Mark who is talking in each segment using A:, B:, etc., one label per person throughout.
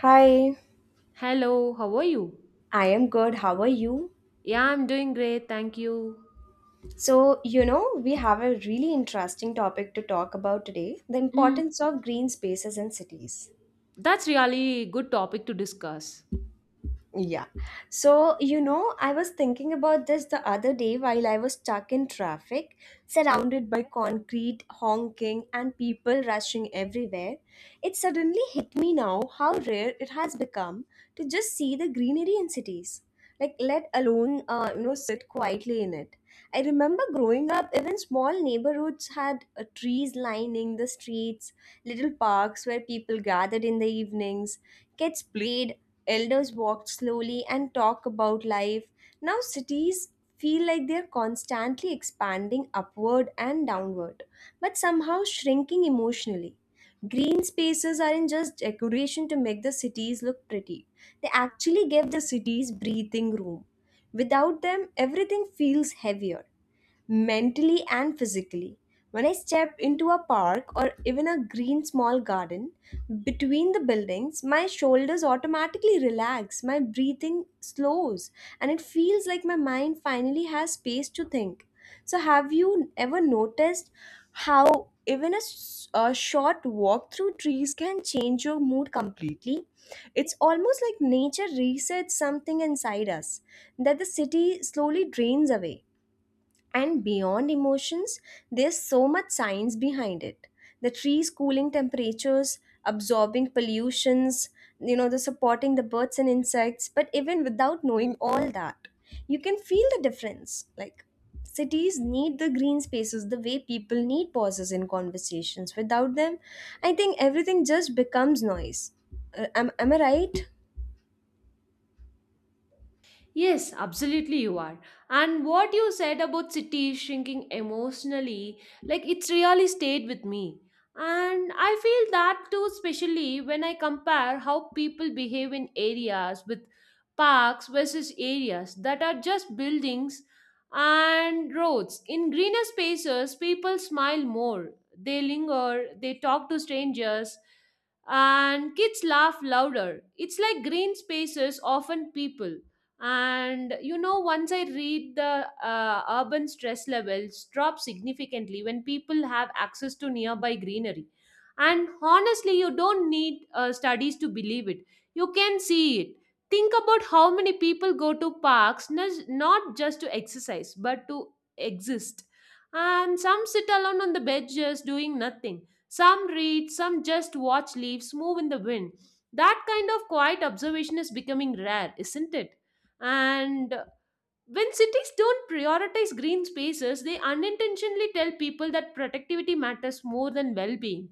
A: Hi,
B: Hello, how are you?
A: I am good. How are you?
B: Yeah, I'm doing great, thank you.
A: So, we have a really interesting topic to talk about today: the
B: Mm,
A: importance of green spaces in cities.
B: that's really good topic to discuss.
A: Yeah. So, I was thinking about this the other day while I was stuck in traffic, surrounded by concrete, honking, and people rushing everywhere. It suddenly hit me now how rare it has become to just see the greenery in cities. Like, let alone, sit quietly in it. I remember growing up, even small neighborhoods had trees lining the streets, little parks where people gathered in the evenings, kids played. Elders walked slowly and talked about life. Now cities feel like they're constantly expanding upward and downward, but somehow shrinking emotionally. Green spaces aren't just decoration to make the cities look pretty, they actually give the cities breathing room. Without them, everything feels heavier mentally and physically. When I step into a park or even a green small garden between the buildings, my shoulders automatically relax, my breathing slows, and it feels like my mind finally has space to think. So, have you ever noticed how even a short walk through trees can change your mood completely? It's almost like nature resets something inside us that the city slowly drains away. And beyond emotions, there's so much science behind it: the trees cooling temperatures, absorbing pollutions, the supporting the birds and insects. But even without knowing all that, you can feel the difference. Like, cities need the green spaces the way people need pauses in conversations. Without them, I think everything just becomes noise. Am I right?
B: Yes, absolutely, you are. And what you said about cities shrinking emotionally, like it's really stayed with me. And I feel that too, especially when I compare how people behave in areas with parks versus areas that are just buildings and roads. In greener spaces, people smile more, they linger, they talk to strangers, and kids laugh louder. It's like green spaces often people. And you know once I read the urban stress levels drop significantly when people have access to nearby greenery. And honestly you don't need studies to believe it, you can see it. Think about how many people go to parks not just to exercise but to exist. And some sit alone on the benches doing nothing, some read, some just watch leaves move in the wind. That kind of quiet observation is becoming rare, isn't it? And when cities don't prioritize green spaces, they unintentionally tell people that productivity matters more than well being.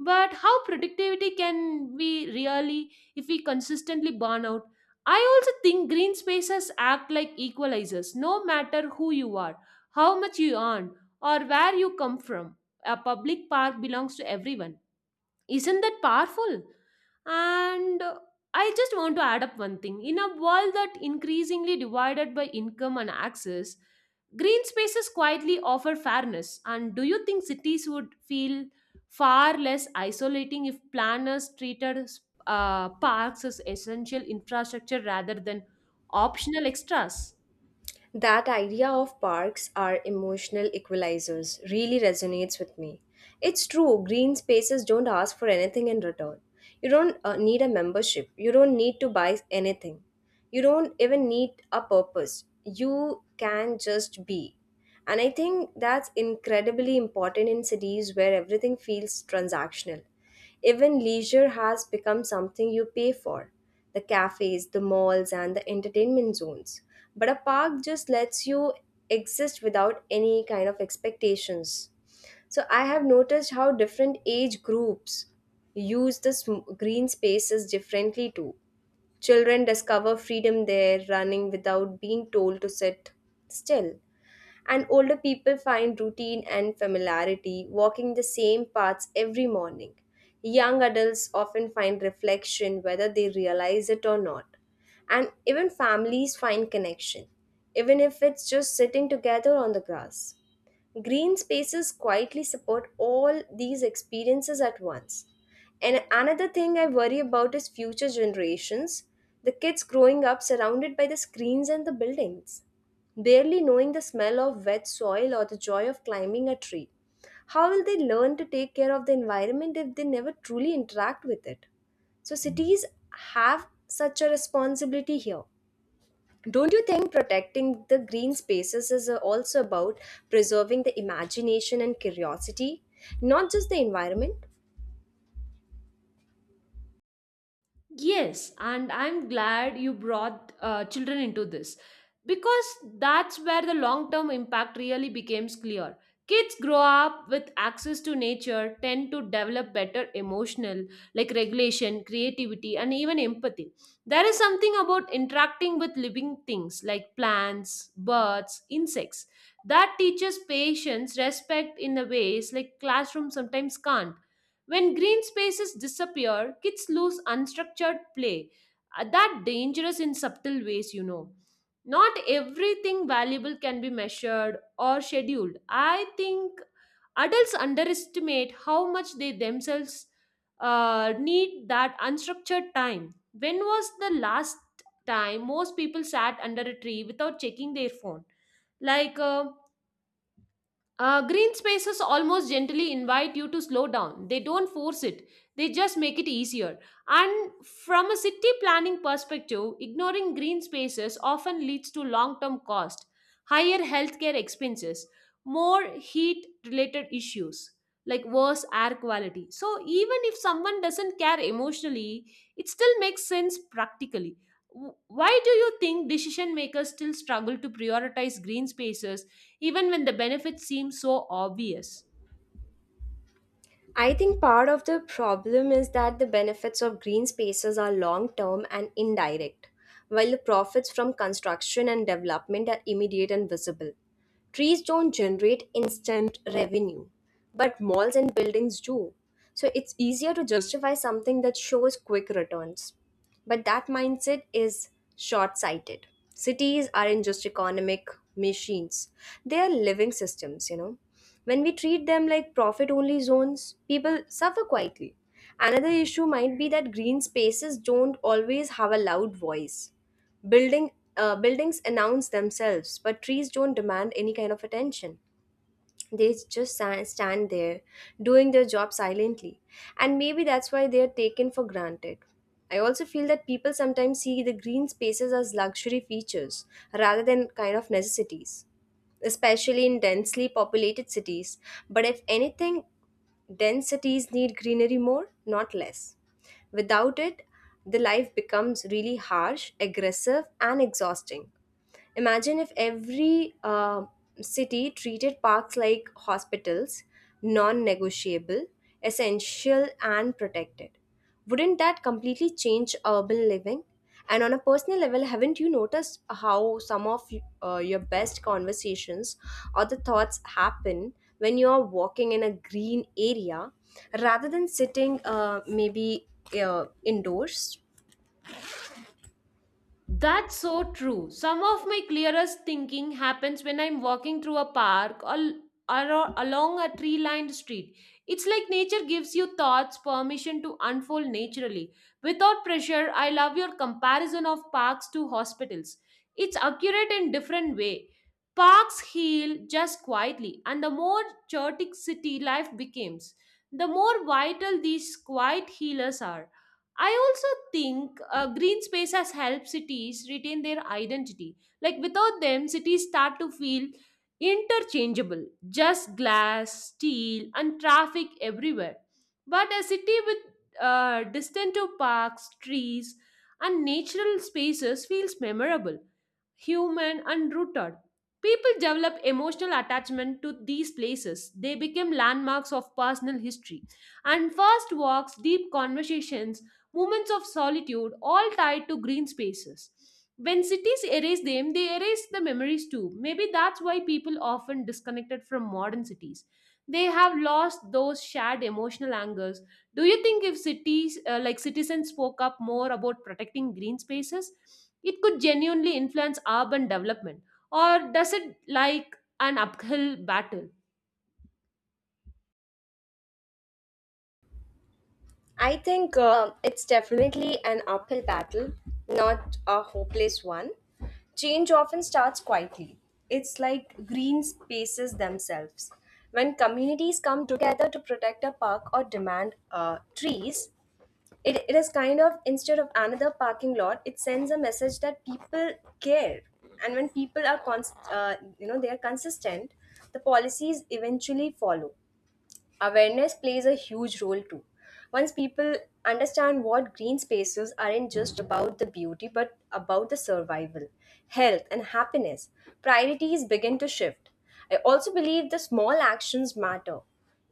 B: But how productivity can we really if we consistently burn out? I also think green spaces act like equalizers, no matter who you are, how much you earn, or where you come from. A public park belongs to everyone. Isn't that powerful? And I just want to add up one thing. In a world that increasingly divided by income and access, green spaces quietly offer fairness. And do you think cities would feel far less isolating if planners treated parks as essential infrastructure rather than optional extras?
A: That idea of parks are emotional equalizers really resonates with me. It's true, green spaces don't ask for anything in return. You don't need a membership, you don't need to buy anything, you don't even need a purpose. You can just be. And I think that's incredibly important in cities where everything feels transactional. Even leisure has become something you pay for: the cafes, the malls, and the entertainment zones. But a park just lets you exist without any kind of expectations. So I have noticed how different age groups use the green spaces differently too. Children discover freedom there, running without being told to sit still, and older people find routine and familiarity walking the same paths every morning. Young adults often find reflection whether they realize it or not. And even families find connection, even if it's just sitting together on the grass. Green spaces quietly support all these experiences at once. And another thing I worry about is future generations, the kids growing up surrounded by the screens and the buildings, barely knowing the smell of wet soil or the joy of climbing a tree. How will they learn to take care of the environment if they never truly interact with it? So, cities have such a responsibility here. Don't you think protecting the green spaces is also about preserving the imagination and curiosity, not just the environment?
B: Yes, and I'm glad you brought children into this because that's where the long term impact really becomes clear. Kids grow up with access to nature, tend to develop better emotional, like regulation, creativity, and even empathy. There is something about interacting with living things like plants, birds, insects that teaches patience, respect in the ways like classroom sometimes can't. When green spaces disappear, kids lose unstructured play. That dangerous in subtle ways, you know. Not everything valuable can be measured or scheduled. I think adults underestimate how much they themselves need that unstructured time. When was the last time most people sat under a tree without checking their phone? Like, uh, Green spaces almost gently invite you to slow down. They don't force it, they just make it easier. And from a city planning perspective, ignoring green spaces often leads to long term cost, higher healthcare expenses, more heat related issues, like worse air quality. So, even if someone doesn't care emotionally, it still makes sense practically. Why do you think decision makers still struggle to prioritize green spaces even when the benefits seem so obvious?
A: I think part of the problem is that the benefits of green spaces are long term and indirect, while the profits from construction and development are immediate and visible. Trees don't generate instant revenue, but malls and buildings do. So it's easier to justify something that shows quick returns. But that mindset is short sighted. Cities aren't just economic machines, they are living systems, you know. When we treat them like profit only zones, people suffer quietly. Another issue might be that green spaces don't always have a loud voice. Building, buildings announce themselves, but trees don't demand any kind of attention. They just stand there doing their job silently. And maybe that's why they are taken for granted. I also feel that people sometimes see the green spaces as luxury features rather than kind of necessities, especially in densely populated cities. But if anything, dense cities need greenery more, not less. Without it, the life becomes really harsh, aggressive, and exhausting. Imagine if every city treated parks like hospitals, non negotiable, essential, and protected. Wouldn't that completely change urban living? And on a personal level, haven't you noticed how some of your best conversations or the thoughts happen when you are walking in a green area rather than sitting maybe indoors?
B: That's so true. Some of my clearest thinking happens when I'm walking through a park or along a tree lined street. It's like nature gives you thoughts permission to unfold naturally. Without pressure, I love your comparison of parks to hospitals. It's accurate in different way. Parks heal just quietly, and the more chaotic city life becomes, the more vital these quiet healers are. I also think green space has helped cities retain their identity. Like without them, cities start to feel interchangeable, just glass, steel, and traffic everywhere. But a city with distant to parks, trees, and natural spaces feels memorable, human, and rooted. People develop emotional attachment to these places. They become landmarks of personal history. And first walks, deep conversations, moments of solitude, all tied to green spaces. When cities erase them, they erase the memories too. Maybe that's why people often disconnected from modern cities. They have lost those shared emotional angers. Do you think if cities, like citizens, spoke up more about protecting green spaces, it could genuinely influence urban development, or does it like an uphill battle?
A: I think it's definitely an uphill battle, not a hopeless one. Change often starts quietly. It's like green spaces themselves. When communities come together to protect a park or demand trees, it is kind of instead of another parking lot, it sends a message that people care. And when people are they are consistent, the policies eventually follow. Awareness plays a huge role too. Once people understand what green spaces aren't just about the beauty but about the survival, health, and happiness, priorities begin to shift. I also believe the small actions matter.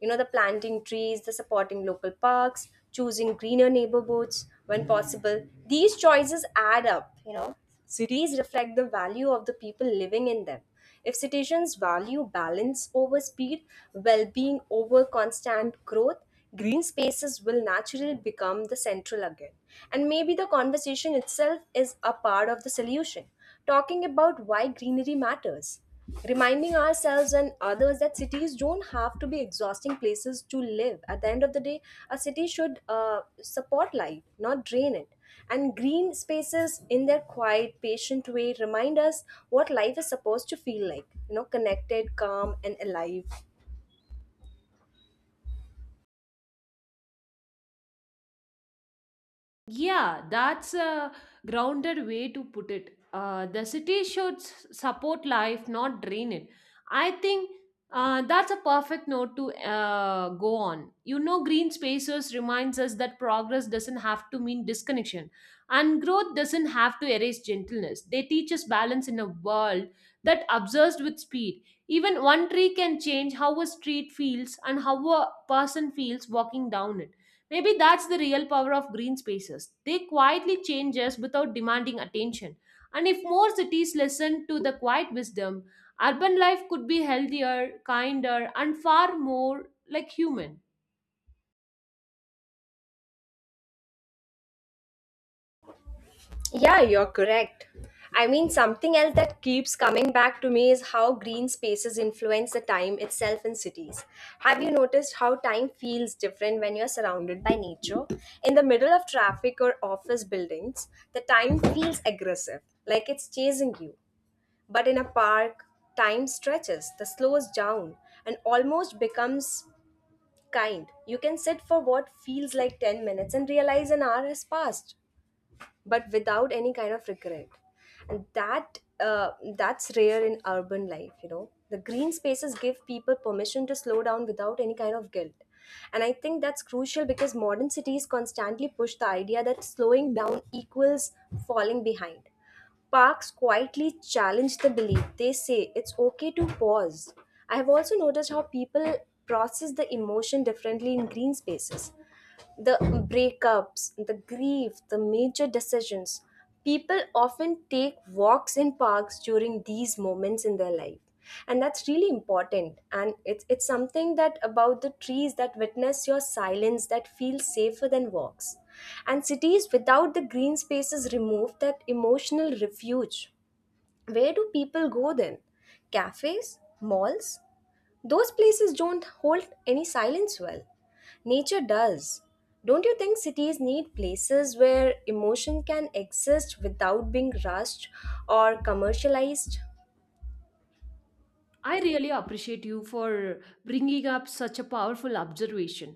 A: The planting trees, the supporting local parks, choosing greener neighborhoods when possible. These choices add up. Cities reflect the value of the people living in them. If citizens value balance over speed, well being over constant growth, green spaces will naturally become the central again. And maybe the conversation itself is a part of the solution: talking about why greenery matters, reminding ourselves and others that cities don't have to be exhausting places to live. At the end of the day, a city should support life, not drain it. And green spaces, in their quiet, patient way, remind us what life is supposed to feel like, connected, calm, and alive.
B: Yeah, that's a grounded way to put it. The city should support life, not drain it. I think that's a perfect note to go on. You know, green spaces reminds us that progress doesn't have to mean disconnection, and growth doesn't have to erase gentleness. They teach us balance in a world that obsessed with speed. Even one tree can change how a street feels and how a person feels walking down it. Maybe that's the real power of green spaces. They quietly change us without demanding attention. And if more cities listened to the quiet wisdom, urban life could be healthier, kinder, and far more like human.
A: Yeah, you're correct. I mean, something else that keeps coming back to me is how green spaces influence the time itself in cities. Have you noticed how time feels different when you're surrounded by nature? In the middle of traffic or office buildings, the time feels aggressive, like it's chasing you. But in a park, time stretches, the slows down, and almost becomes kind. You can sit for what feels like 10 minutes and realize an hour has passed, but without any kind of regret. And that's rare in urban life. The green spaces give people permission to slow down without any kind of guilt. And I think that's crucial, because modern cities constantly push the idea that slowing down equals falling behind. Parks quietly challenge the belief. They say it's okay to pause. I have also noticed how people process the emotion differently in green spaces: the breakups, the grief, the major decisions. People often take walks in parks during these moments in their life. And that's really important. And it's something that about the trees that witness your silence that feels safer than walks. And cities without the green spaces remove that emotional refuge. Where do people go then? Cafes? Malls? Those places don't hold any silence well. Nature does. Don't you think cities need places where emotion can exist without being rushed or commercialized?
B: I really appreciate you for bringing up such a powerful observation.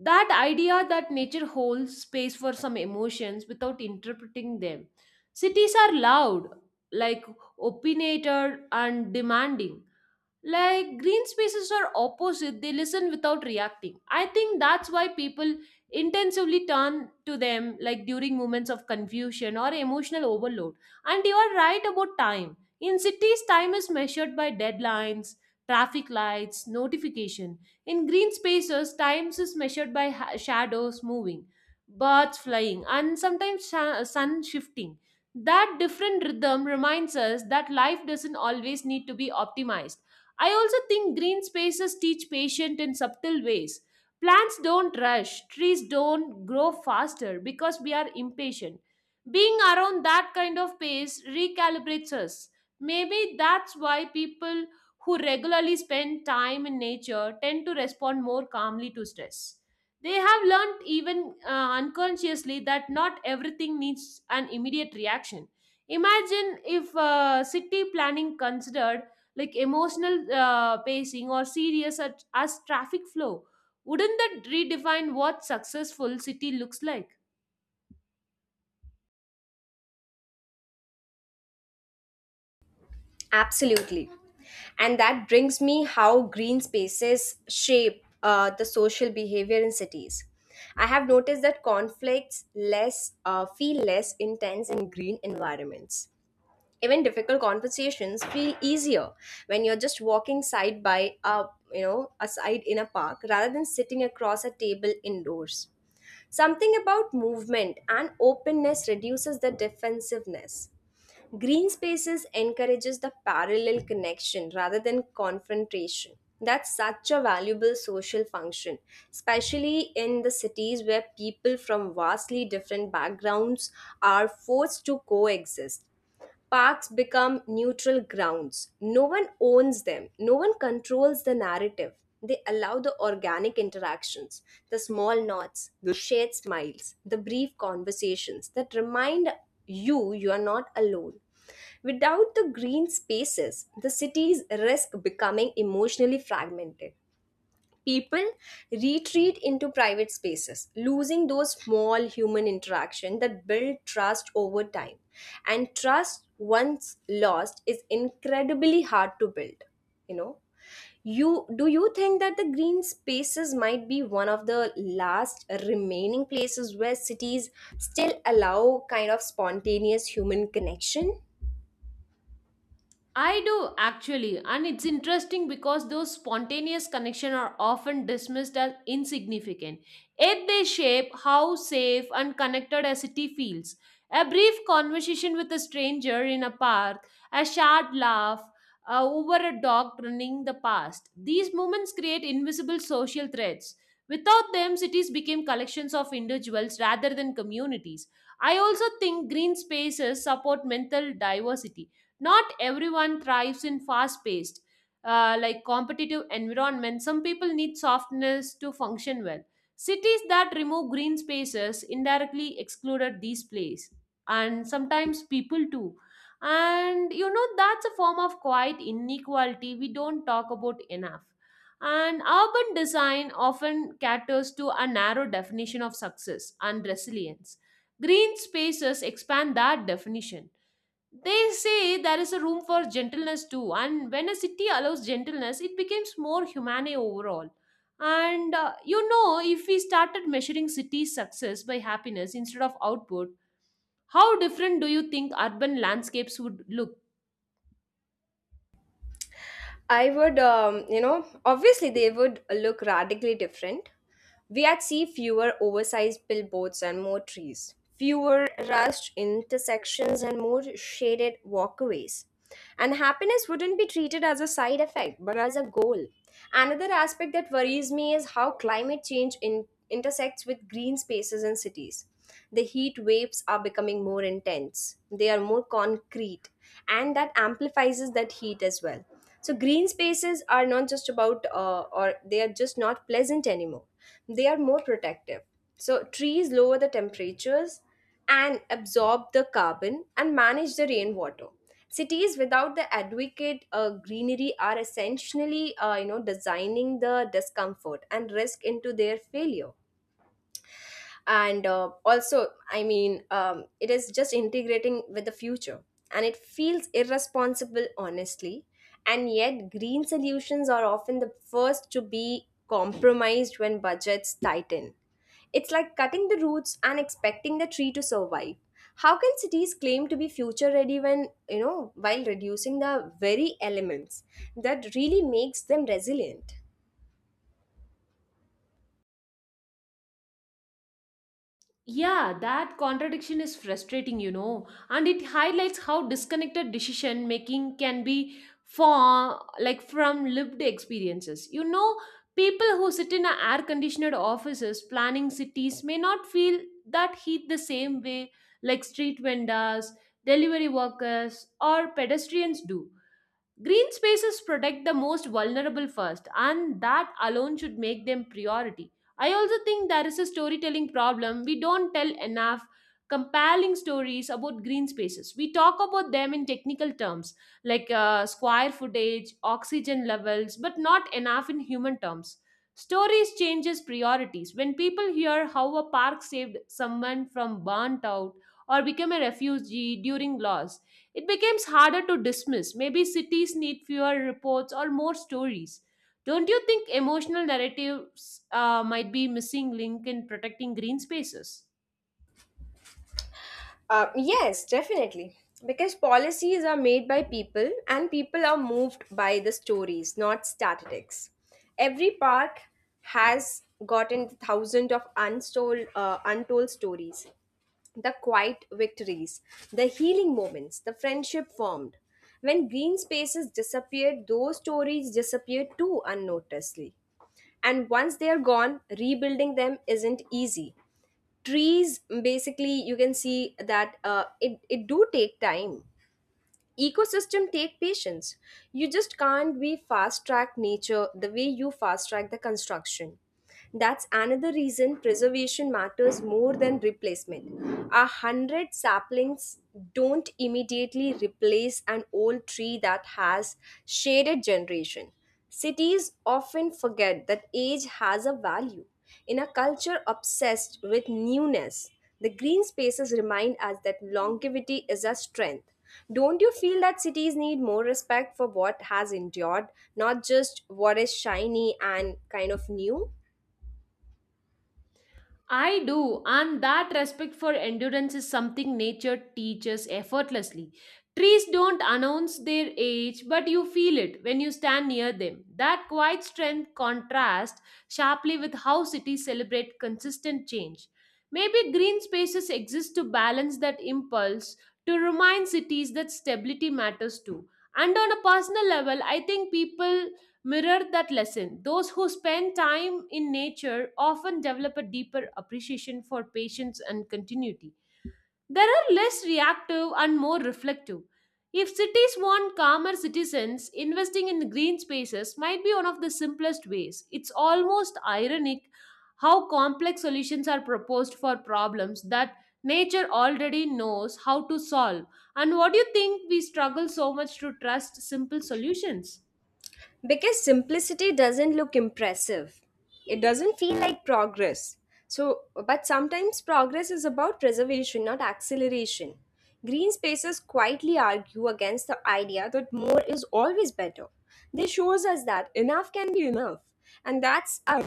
B: That idea that nature holds space for some emotions without interpreting them. Cities are loud, like opinionated and demanding. Like green spaces are opposite, they listen without reacting. I think that's why people intensively turn to them, like during moments of confusion or emotional overload. And you are right about time in cities. Time is measured by deadlines, traffic lights, notification. In green spaces times is measured by shadows moving, birds flying, and sometimes sun shifting. That different rhythm reminds us that life doesn't always need to be optimized. I also think green spaces teach patience in subtle ways. Plants don't rush, trees don't grow faster because we are impatient. Being around that kind of pace recalibrates us. Maybe that's why people who regularly spend time in nature tend to respond more calmly to stress. They have learned, even unconsciously, that not everything needs an immediate reaction. Imagine if city planning considered like emotional pacing or serious at, as traffic flow. Wouldn't that redefine what successful city looks like?
A: Absolutely. And that brings me how green spaces shape the social behavior in cities. I have noticed that conflicts less feel less intense in green environments. Even difficult conversations feel easier when you're just walking side by a you know a side in a park rather than sitting across a table indoors. Something about movement and openness reduces the defensiveness. Green spaces encourages the parallel connection rather than confrontation. That's such a valuable social function, especially in the cities where people from vastly different backgrounds are forced to coexist. Parks become neutral grounds. No one owns them, no one controls the narrative. They allow the organic interactions, the small nods, the shared smiles, the brief conversations that remind you you are not alone. Without the green spaces, the cities risk becoming emotionally fragmented. People retreat into private spaces, losing those small human interaction that build trust over time. And trust once lost is incredibly hard to build. You know you do you think that the green spaces might be one of the last remaining places where cities still allow kind of spontaneous human connection?
B: I do actually, and it's interesting because those spontaneous connections are often dismissed as insignificant. Yet they shape how safe and connected a city feels. A brief conversation with a stranger in a park, a shared laugh over a dog running the past. These moments create invisible social threads. Without them, cities became collections of individuals rather than communities. I also think green spaces support mental diversity. Not everyone thrives in fast paced, like competitive environment. Some people need softness to function well. Cities that remove green spaces indirectly excluded these plays, and sometimes people too. And you know, that's a form of quiet inequality we don't talk about enough. And urban design often caters to a narrow definition of success and resilience. Green spaces expand that definition. They say there is a room for gentleness too, and when a city allows gentleness, it becomes more humane overall. And you know, if we started measuring city success by happiness instead of output, how different do you think urban landscapes would look?
A: I would, obviously they would look radically different. We had see fewer oversized billboards and more trees, fewer rushed intersections and more shaded walkways. And happiness wouldn't be treated as a side effect but as a goal. Another aspect that worries me is how climate change intersects with green spaces in cities. The heat waves are becoming more intense, they are more concrete, and that amplifies that heat as well. So green spaces are not just about, or they are just not pleasant anymore. They are more protective. So trees lower the temperatures and absorb the carbon and manage the rainwater. Cities without the adequate greenery are essentially, designing the discomfort and risk into their failure and also I mean it is just integrating with the future, and it feels irresponsible honestly. And yet green solutions are often the first to be compromised when budgets tighten. It's like cutting the roots and expecting the tree to survive. How can cities claim to be future ready when, while reducing the very elements that really makes them resilient.
B: Yeah, that contradiction is frustrating, you know, and it highlights how disconnected decision making can be for like from lived experiences. You know, people who sit in a air conditioned offices planning cities may not feel that heat the same way, like street vendors, delivery workers, or pedestrians do. Green spaces protect the most vulnerable first, and that alone should make them priority. I also think there is a storytelling problem. We don't tell enough compelling stories about green spaces. We talk about them in technical terms like square footage, oxygen levels, but not enough in human terms. Stories changes priorities. When people hear how a park saved someone from burnt out or became a refugee during loss, it becomes harder to dismiss. Maybe cities need fewer reports or more stories. Don't you think emotional narratives might be missing link in protecting green spaces?
A: Yes, definitely. Because policies are made by people, and people are moved by the stories, not statistics. Every park has gotten thousands of untold, untold stories, the quiet victories, the healing moments, the friendship formed. When green spaces disappeared, those stories disappeared too unnoticedly. And once they are gone, rebuilding them isn't easy. Trees, basically, you can see that it do take time, ecosystem take patience. You just can't be fast track nature the way you fast track the construction. That's another reason preservation matters more than replacement. A hundred saplings don't immediately replace an old tree that has shaded generation. Cities often forget that age has a value. In a culture obsessed with newness, the green spaces remind us that longevity is a strength. Don't you feel that cities need more respect for what has endured, not just what is shiny and kind of new?
B: I do, and that respect for endurance is something nature teaches effortlessly. Trees don't announce their age, but you feel it when you stand near them. That quiet strength contrasts sharply with how cities celebrate consistent change. Maybe green spaces exist to balance that impulse, to remind cities that stability matters too. And on a personal level, I think people mirror that lesson. Those who spend time in nature often develop a deeper appreciation for patience and continuity. They are less reactive and more reflective. If cities want calmer citizens, investing in green spaces might be one of the simplest ways. It's almost ironic how complex solutions are proposed for problems that nature already knows how to solve. And what do you think we struggle so much to trust simple solutions?
A: Because simplicity doesn't look impressive, it doesn't feel like progress. So, but sometimes progress is about preservation, not acceleration. Green spaces quietly argue against the idea that more is always better. They shows us that enough can be enough, and that's a,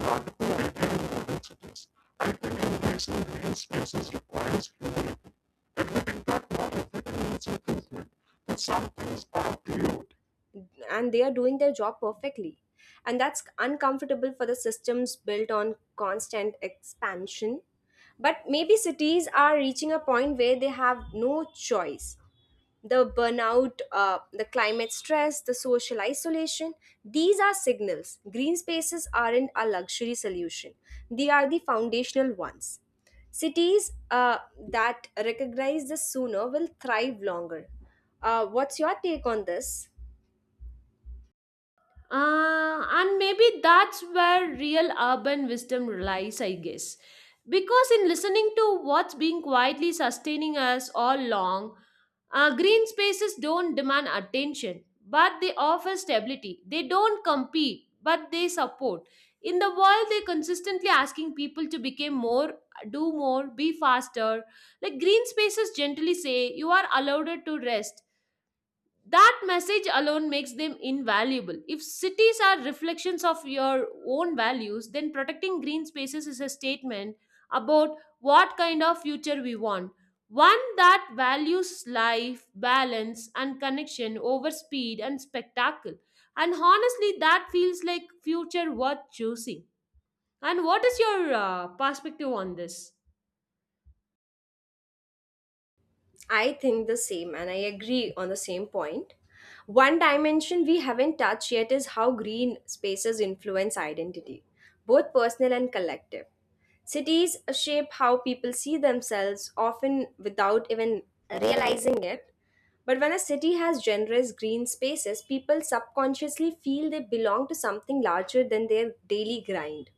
A: and they are doing their job perfectly. And that's uncomfortable for the systems built on constant expansion, but maybe cities are reaching a point where they have no choice. The burnout, the climate stress, the social isolation. These are signals. Green spaces aren't a luxury solution, they are the foundational ones. Cities that recognize this sooner will thrive longer. What's your take on this?
B: And maybe that's where real urban wisdom lies, I guess. Because in listening to what's being quietly sustaining us all along, green spaces don't demand attention, but they offer stability. They don't compete, but they support. In the world, they're consistently asking people to become more, do more, be faster. Like green spaces gently say, you are allowed to rest. That message alone makes them invaluable. If cities are reflections of your own values, then protecting green spaces is a statement about what kind of future we want, one that values life balance and connection over speed and spectacle. And honestly that feels like future worth choosing. And what is your perspective on this?
A: I think the same, and I agree on the same point. One dimension we haven't touched yet is how green spaces influence identity, both personal and collective. Cities shape how people see themselves, often without even realizing it. But when a city has generous green spaces, people subconsciously feel they belong to something larger than their daily grind.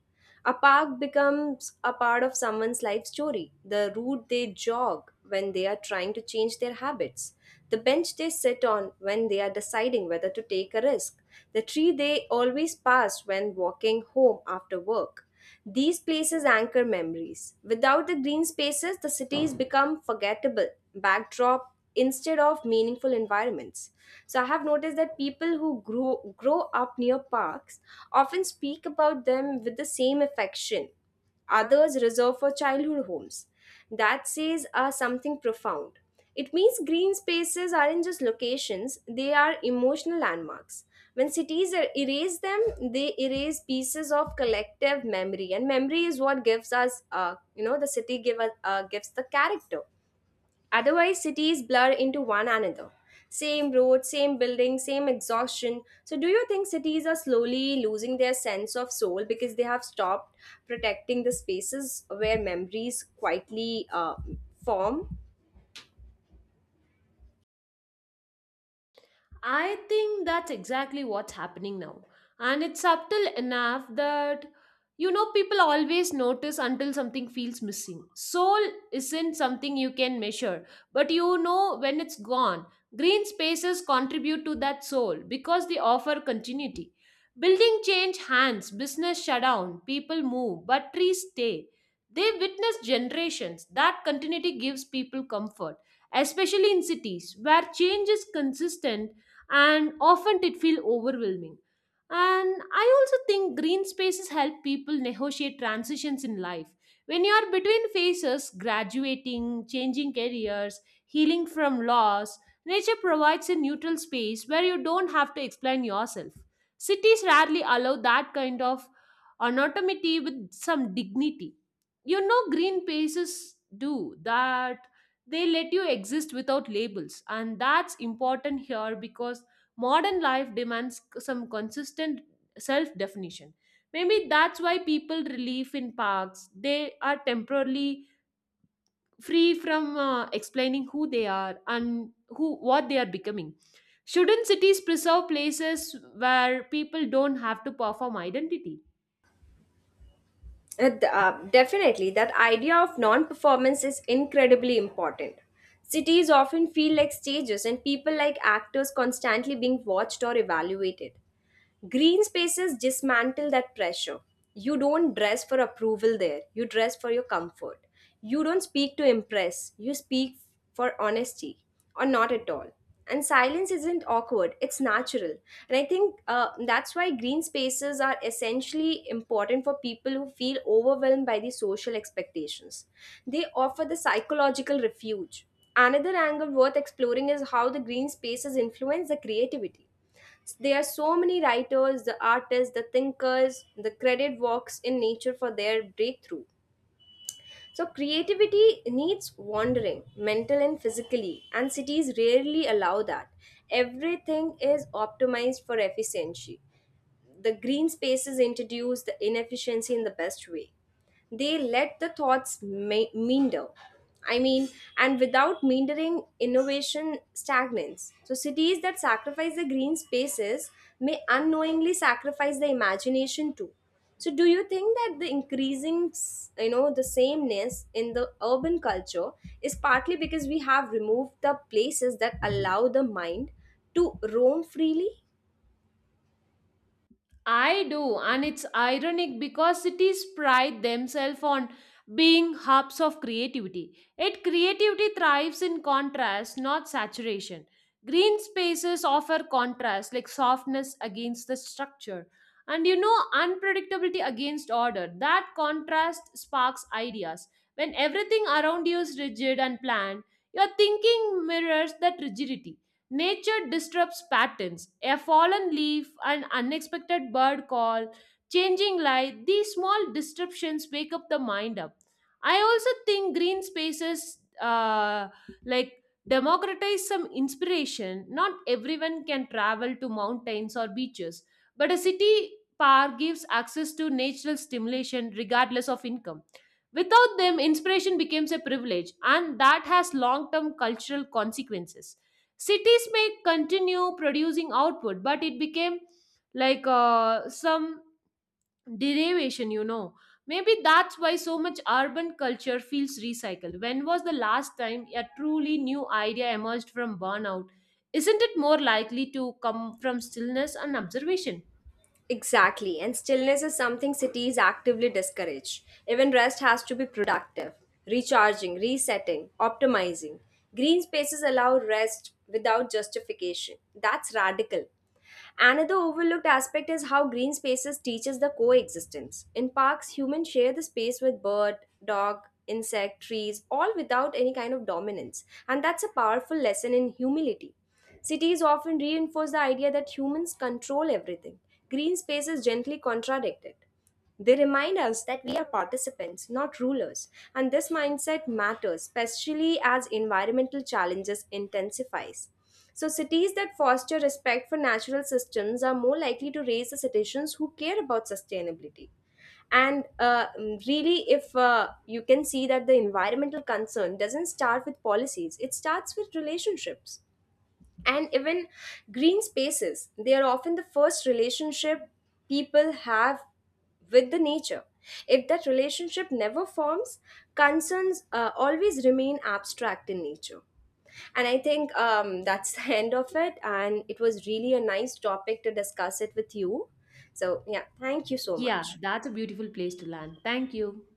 A: A park becomes a part of someone's life story, the route they jog when they are trying to change their habits, the bench they sit on when they are deciding whether to take a risk, the tree they always pass when walking home after work. These places anchor memories. Without the green spaces, the cities become forgettable backdrop instead of meaningful environments. So I have noticed that people who grow up near parks often speak about them with the same affection others reserved for childhood homes. That says are something profound. It means green spaces aren't just locations, they are emotional landmarks. When cities erase them, they erase pieces of collective memory, and memory is what gives us, you know, the city give us, gives the character. Otherwise, cities blur into one another. Same road, same building, same exhaustion. So, do you think cities are slowly losing their sense of soul because they have stopped protecting the spaces where memories quietly form?
B: I think that's exactly what's happening now. And it's subtle enough that, you know, people always notice until something feels missing. Soul isn't something you can measure, but you know when it's gone. Green spaces contribute to that soul because they offer continuity. Building change hands, business shut down, people move, but trees stay. They witness generations. That continuity gives people comfort, especially in cities where change is consistent and often it feel overwhelming. And I also think green spaces help people negotiate transitions in life. When you are between phases, graduating, changing careers, healing from loss, nature provides a neutral space where you don't have to explain yourself. Cities rarely allow that kind of anonymity with some dignity. You know, green spaces do that, they let you exist without labels, and that's important here because modern life demands some consistent self definition. Maybe that's why people relieve in parks. They are temporarily free from explaining who they are and who what they are becoming. Shouldn't cities preserve places where people don't have to perform identity?
A: Definitely, that idea of non performance is incredibly important. Cities often feel like stages, and people like actors constantly being watched or evaluated. Green spaces dismantle that pressure. You don't dress for approval there, you dress for your comfort. You don't speak to impress, you speak for honesty or not at all. And silence isn't awkward, it's natural. And I think that's why green spaces are essentially important for people who feel overwhelmed by the social expectations. They offer the psychological refuge. Another angle worth exploring is how the green spaces influence the creativity. There are so many writers, the artists, the thinkers, the credit walks in nature for their breakthrough. So creativity needs wandering, mental and physically, and cities rarely allow that. Everything is optimized for efficiency. The green spaces introduce the inefficiency in the best way. They let the thoughts meander. I mean, and without meandering, innovation stagnates. So, cities that sacrifice the green spaces may unknowingly sacrifice the imagination too. So, do you think that the increasing, the sameness in the urban culture is partly because we have removed the places that allow the mind to roam freely?
B: I do, and it's ironic because cities pride themselves on being hubs of creativity. Yet creativity thrives in contrast, not saturation. Green spaces offer contrast, like softness against the structure, and you know, unpredictability against order. That contrast sparks ideas. When everything around you is rigid and planned, your thinking mirrors that rigidity. Nature disrupts patterns. A fallen leaf, an unexpected bird call, changing light, these small disruptions wake up the mind up. I also think green spaces like democratize some inspiration. Not everyone can travel to mountains or beaches, but a city park gives access to natural stimulation regardless of income. Without them, inspiration becomes a privilege, and that has long term cultural consequences. Cities may continue producing output, but it became like some derivation, you know. Maybe that's why so much urban culture feels recycled. When was the last time a truly new idea emerged from burnout? Isn't it more likely to come from stillness and observation?
A: Exactly, and stillness is something cities actively discourage. Even rest has to be productive, recharging, resetting, optimizing. Green spaces allow rest without justification. That's radical. Another overlooked aspect is how green spaces teaches the coexistence. In parks, humans share the space with bird, dog, insect, trees, all without any kind of dominance. And that's a powerful lesson in humility. Cities often reinforce the idea that humans control everything. Green spaces gently contradict it. They remind us that we are participants, not rulers, and this mindset matters, especially as environmental challenges intensifies. So, cities that foster respect for natural systems are more likely to raise the citizens who care about sustainability. And really, if you can see that the environmental concern doesn't start with policies, it starts with relationships. And even green spaces, they are often the first relationship people have with the nature. If that relationship never forms, concerns always remain abstract in nature. And I think that's the end of it, and it was really a nice topic to discuss it with you. So yeah, thank you so
B: Yeah,
A: much.
B: that's a beautiful place to land. Thank you.